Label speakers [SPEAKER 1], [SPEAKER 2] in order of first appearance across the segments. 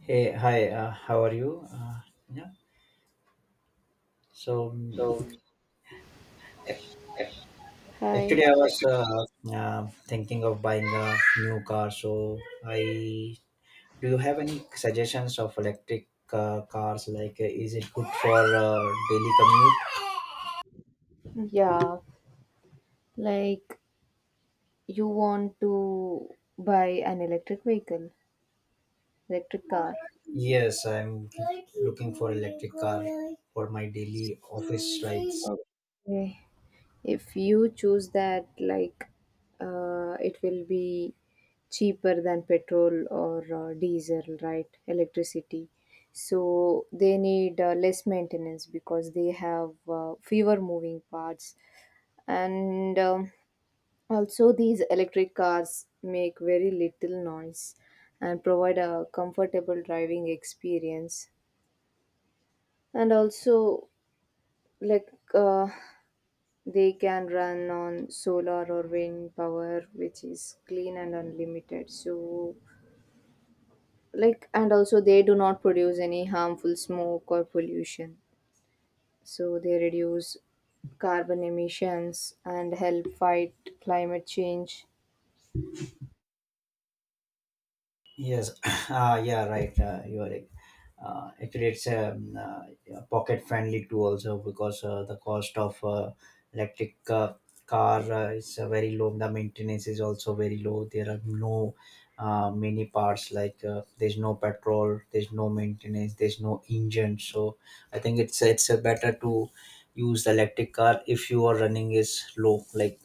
[SPEAKER 1] Hey, hi, how are you? Yeah, so mm,
[SPEAKER 2] So if Hi.
[SPEAKER 1] actually, I was
[SPEAKER 2] If
[SPEAKER 1] thinking of buying a new car. So, I do you have any suggestions of electric cars? Is it good for daily commute?
[SPEAKER 2] you Yeah, like you want to buy an electric vehicle, electric car.
[SPEAKER 1] Yes, I'm looking for electric car for my daily office rides.
[SPEAKER 2] Eh, If you choose that, it will be cheaper than petrol or diesel, right? Electricity. So they need less maintenance because they have fewer moving parts and. Also, these electric cars make very little noise and provide a comfortable driving experience. And also, like uh, they can run on solar or wind power, which is clean and unlimited. So, like, and also they do not produce any harmful smoke or pollution. So, they reduce carbon emissions and help fight climate change.
[SPEAKER 1] Yes, yeah, right. You are right. It creates a, pocket friendly too also because the cost of electric car is very low. The maintenance is also very low. There are no many parts, there's no petrol, there's no maintenance, there's no engine. So I think it's better to use the electric car if your running is low.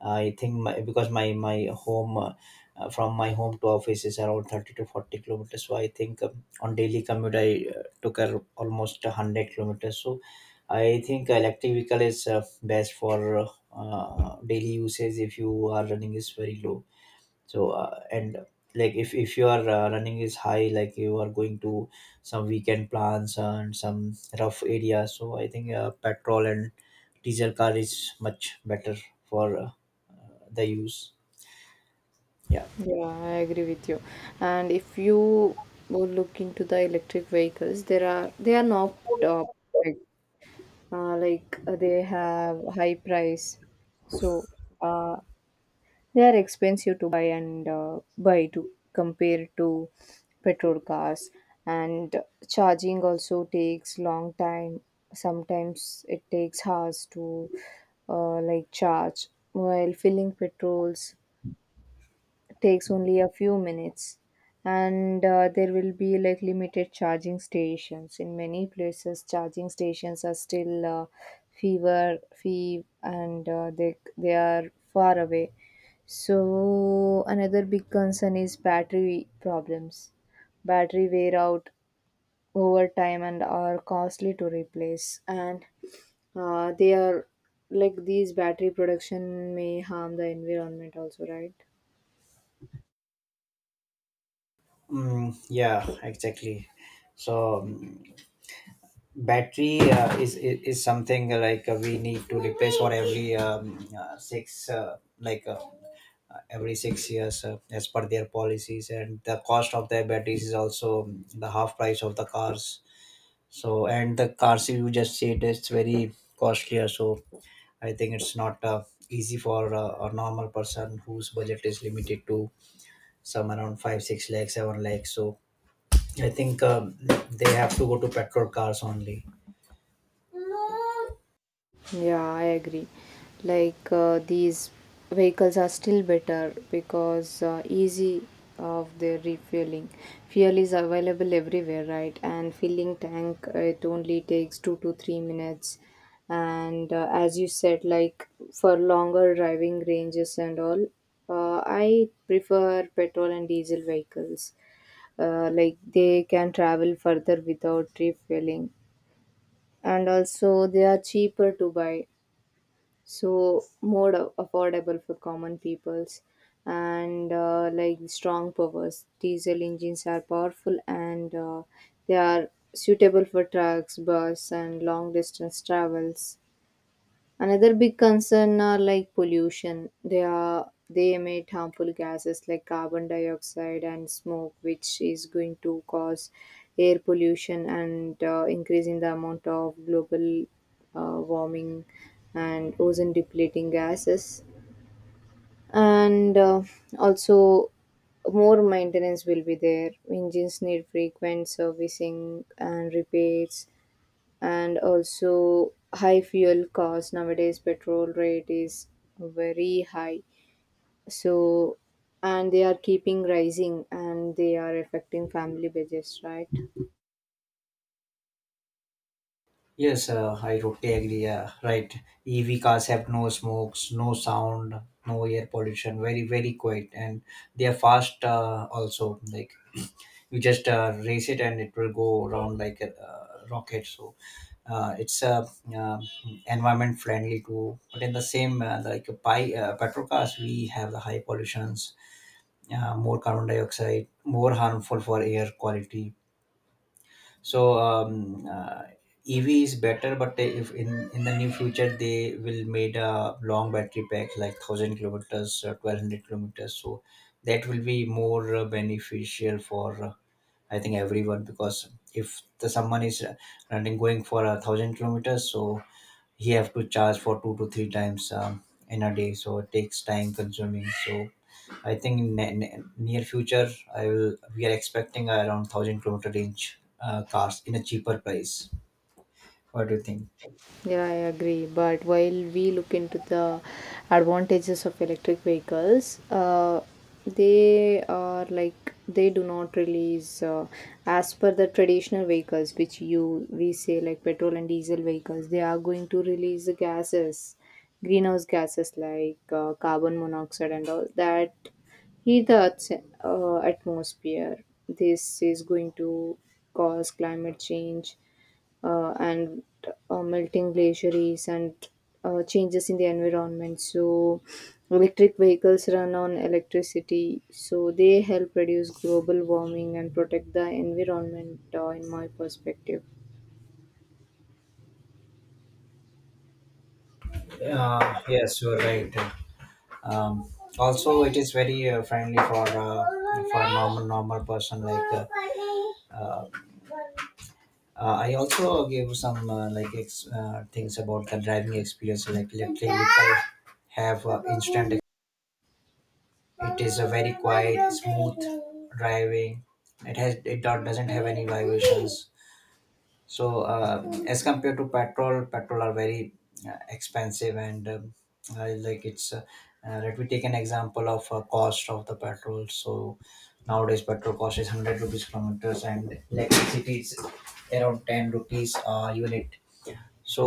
[SPEAKER 1] I think because my home from my home to office is around 30 to 40 kilometers. So I think on daily commute I took a, almost 100 kilometers. So I think electric vehicle is best for daily usage if you are running is very low. So and like if you are running is high, like you are going to some weekend plans and some rough areas. So I think petrol and diesel car is much better for. The use, yeah.
[SPEAKER 2] Yeah, I agree with you. And if you would look into the electric vehicles, there are they are not uh, perfect. They have high price, so uh, they are expensive to buy and buy to compare to petrol cars. And charging also takes long time. Sometimes it takes hours to charge. While filling petrols takes only a few minutes, and there will be like limited charging stations. In many places charging stations are still fever fee and they are far away. So another big concern is battery problems. Battery wear out over time and are costly to replace, and they are like these battery production may harm the environment also, right?
[SPEAKER 1] Mm, yeah, exactly. So battery is something like we need to replace for every six like every 6 years as per their policies, and the cost of their batteries is also the half price of the cars. So and the cars you just said it's very costlier. So I think it's not easy for a normal person whose budget is limited to some around 5 6 lakhs 7 lakhs. So I think they have to go to petrol cars only.
[SPEAKER 2] Yeah, I agree. These vehicles are still better because easy of their refueling. Fuel is available everywhere, right? And filling tank it only takes 2 to 3 minutes. And as you said, like for longer driving ranges and all, I prefer petrol and diesel vehicles. Like they can travel further without refueling, and also they are cheaper to buy, so more affordable for common peoples, and strong powers, diesel engines are powerful, and they are suitable for trucks, bus and long distance travels. Another big concern are like pollution. They emit harmful gases like carbon dioxide and smoke, which is going to cause air pollution and increasing the amount of global warming and ozone depleting gases. And also, more maintenance will be there. Engines need frequent servicing and repairs, and also high fuel costs. Nowadays petrol rate is very high, so, and they are keeping rising and they are affecting family budgets, right?
[SPEAKER 1] Yes, I totally agree. Yeah, right. EV cars have no smokes, no sound, no air pollution. Very, very quiet, and they are fast. Also, like you just race it, and it will go around like a rocket. So, it's uh, environment friendly too. But in the same petrol cars, we have the high pollutions, more carbon dioxide, more harmful for air quality. So EV is better, but they- if in the near future they will made a long battery pack like 1000 kilometers or 1200 kilometers. So that will be more beneficial for, I think, everyone. Because if the someone is running going for a 1000 kilometers, so he have to charge for two to three times in a day. So it takes time consuming. So I think in near future I will we are expecting around 1000-kilometer range cars in a cheaper price. What do you think?
[SPEAKER 2] Yeah, I agree. But while we look into the advantages of electric vehicles, they are like they do not release as per the traditional vehicles, which you we say like petrol and diesel vehicles. They are going to release the gases, greenhouse gases like carbon monoxide and all that heat the atmosphere. This is going to cause climate change, and melting glaciers and changes in the environment. So, electric vehicles run on electricity, so they help reduce global warming and protect the environment, in my perspective.
[SPEAKER 1] Yes, you're right. um, Also, it is very friendly for a normal person. Uh, I also gave some things about the driving experience, like electric vehicle have instant. It is a very quiet, smooth driving. It doesn't have any vibrations. So as compared to petrol, petrol are very expensive, and I like it's. Let me take an example of cost of the petrol. So nowadays petrol cost is 100 rupees kilometers and electricity is around 10 rupees a unit. So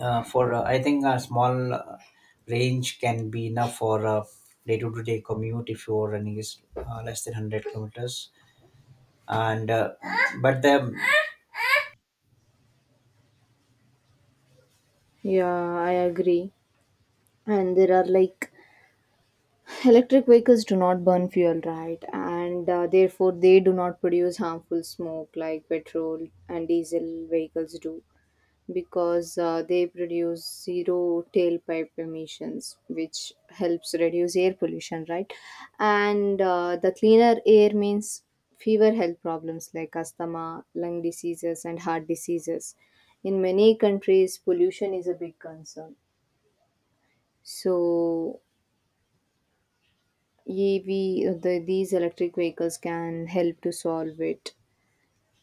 [SPEAKER 1] for, I think, a small range can be enough for a day to day commute if your running is less than 100 kilometers. And but the,
[SPEAKER 2] Yeah, I agree. And there are like electric vehicles do not burn fuel, right? And therefore, they do not produce harmful smoke like petrol and diesel vehicles do, because they produce zero tailpipe emissions, which helps reduce air pollution, right? And the cleaner air means fewer health problems like asthma, lung diseases, and heart diseases. In many countries, pollution is a big concern. So, EV, these electric vehicles can help to solve it.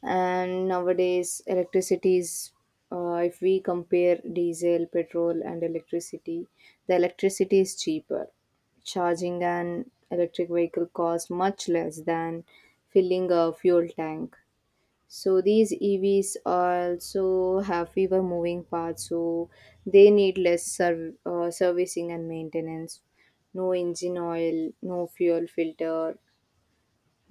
[SPEAKER 2] And nowadays electricity is if we compare diesel, petrol and electricity, the electricity is cheaper. Charging an electric vehicle costs much less than filling a fuel tank. So these EVs also have fewer moving parts, so they need less servicing and maintenance. No engine oil, no fuel filter,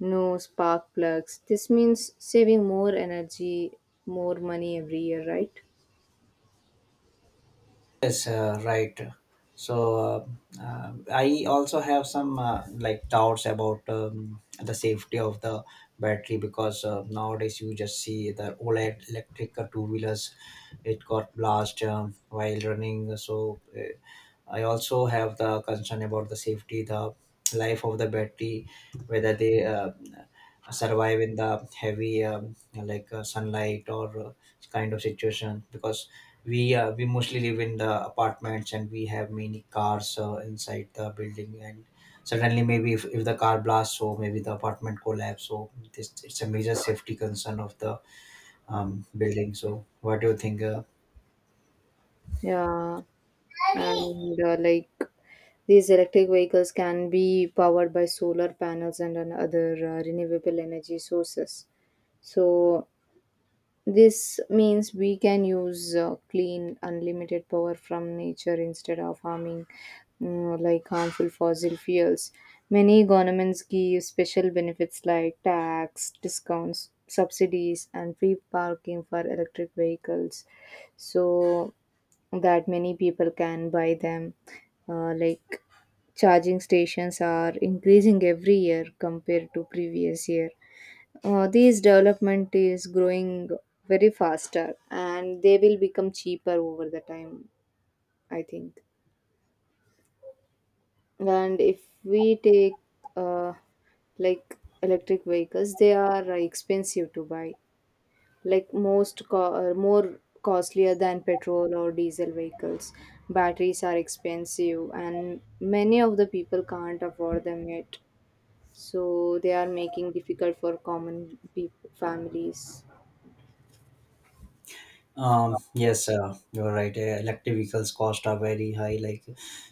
[SPEAKER 2] no spark plugs. This means saving more energy, more money every year, right?
[SPEAKER 1] yes, right. So I also have some like doubts about the safety of the battery. Because nowadays you just see the OLED electric two wheelers, it got blast while running. So I also have the concern about the safety, the life of the battery, whether they survive in the heavy sunlight or kind of situation. Because we mostly live in the apartments, and we have many cars inside the building. And suddenly maybe if the car blasts, so maybe the apartment collapse. So this it's a major safety concern of the building. So what do you think?
[SPEAKER 2] Yeah. And these electric vehicles can be powered by solar panels and other renewable energy sources. So this means we can use clean, unlimited power from nature instead of harming harmful fossil fuels. Many governments give special benefits like tax, discounts, subsidies, and free parking for electric vehicles, so that many people can buy them. Uh, like Charging stations are increasing every year compared to previous year. These development is growing very faster and they will become cheaper over the time, I think. And if we take uh, electric vehicles, they are expensive to buy, like more costlier than petrol or diesel vehicles. Batteries are expensive and many of the people can't afford them yet, so they are making difficult for common people families.
[SPEAKER 1] Yes, you're right. Electric vehicles cost are very high. Like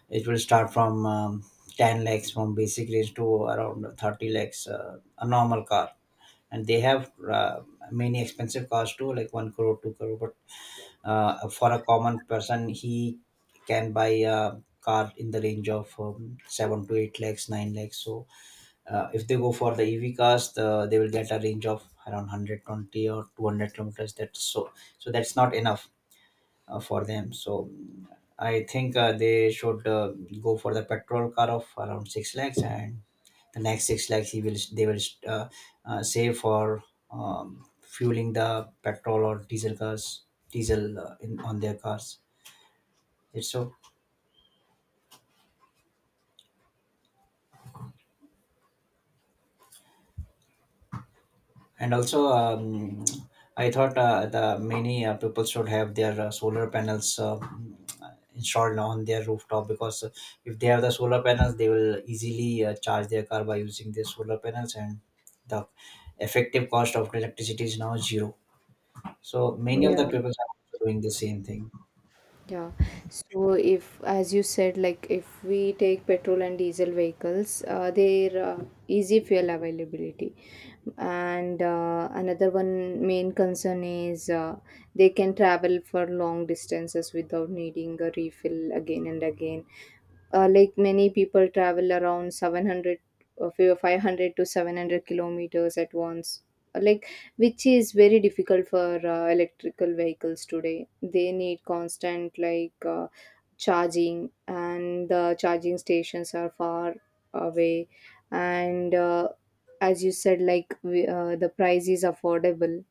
[SPEAKER 1] it will start from 10 lakhs from basic range to around 30 lakhs, a normal car. And they have many expensive cars too, like 1 crore, 2 crore. But for a common person, he can buy a car in the range of 7 to 8 lakhs 9 lakhs. So if they go for the EV cars, they will get a range of around 120 or 200 kilometers. That's so, so that's not enough for them. So I think they should, go for the petrol car of around 6 lakhs, and the next 6 lakhs he will they will uh, save for um, fueling the petrol or diesel cars, diesel in on their cars it's so. And also I thought the many people should have their solar panels installed on their rooftop. Because if they have the solar panels, they will easily charge their car by using their solar panels, and the effective cost of electricity is now zero. So many of the
[SPEAKER 2] Yeah.
[SPEAKER 1] people are also doing the same thing.
[SPEAKER 2] Yeah. So if, as you said, like if we take petrol and diesel vehicles, their easy fuel availability, and another one main concern is they can travel for long distances without needing a refill again and again. Like many people travel around 700 or 500 to 700 kilometers at once. Like which is very difficult for electrical vehicles today. They need constant charging and the charging stations are far away. And as you said, like we, the price is affordable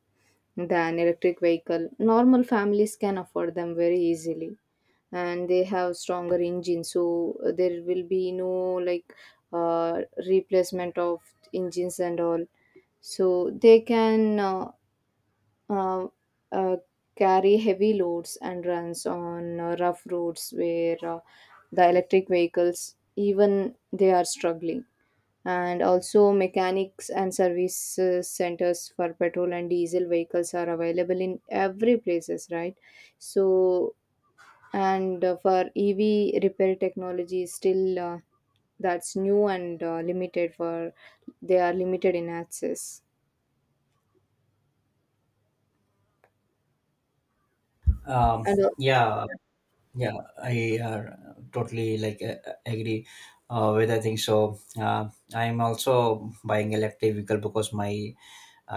[SPEAKER 2] than electric vehicle, normal families can afford them very easily, and they have stronger engines. So there will be no like uh, replacement of engines and all, so they can uh, uh, carry heavy loads and runs on rough roads where the electric vehicles even they are struggling. And also mechanics and service centers for petrol and diesel vehicles are available in every places, right? So, and for EV, repair technology is still that's new and limited for, they are limited in access.
[SPEAKER 1] um,
[SPEAKER 2] And
[SPEAKER 1] yeah, yeah. I uh, totally agree with I think so uh, I'm also buying electric vehicle because my,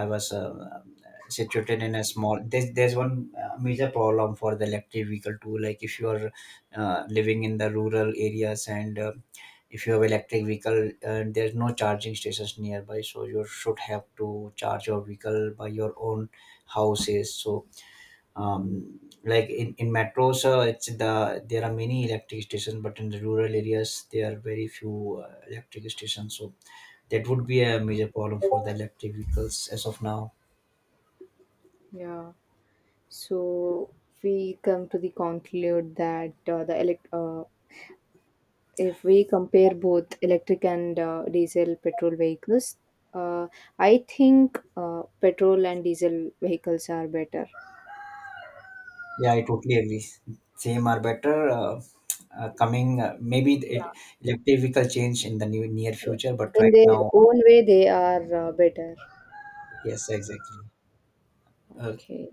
[SPEAKER 1] I was situated in a small. There's one major problem for the electric vehicle too. Like if you are living in the rural areas, and if you have electric vehicle, there's no charging stations nearby, so you should have to charge your vehicle by your own houses. So in metros, it's the there are many electric stations, but in the rural areas there are very few electric stations. So that would be a major problem for the electric vehicles as of now.
[SPEAKER 2] yeah. So we come to the conclude that the elect if we compare both electric and diesel petrol vehicles, uh, I think petrol and diesel vehicles are better.
[SPEAKER 1] Yeah, I totally agree. Same or better. Coming, maybe
[SPEAKER 2] Yeah.
[SPEAKER 1] it electric vehicle change in the new near
[SPEAKER 2] So
[SPEAKER 1] future, but
[SPEAKER 2] in
[SPEAKER 1] right
[SPEAKER 2] their
[SPEAKER 1] now,
[SPEAKER 2] own way, they are better.
[SPEAKER 1] yes, exactly. Uh,
[SPEAKER 2] Okay.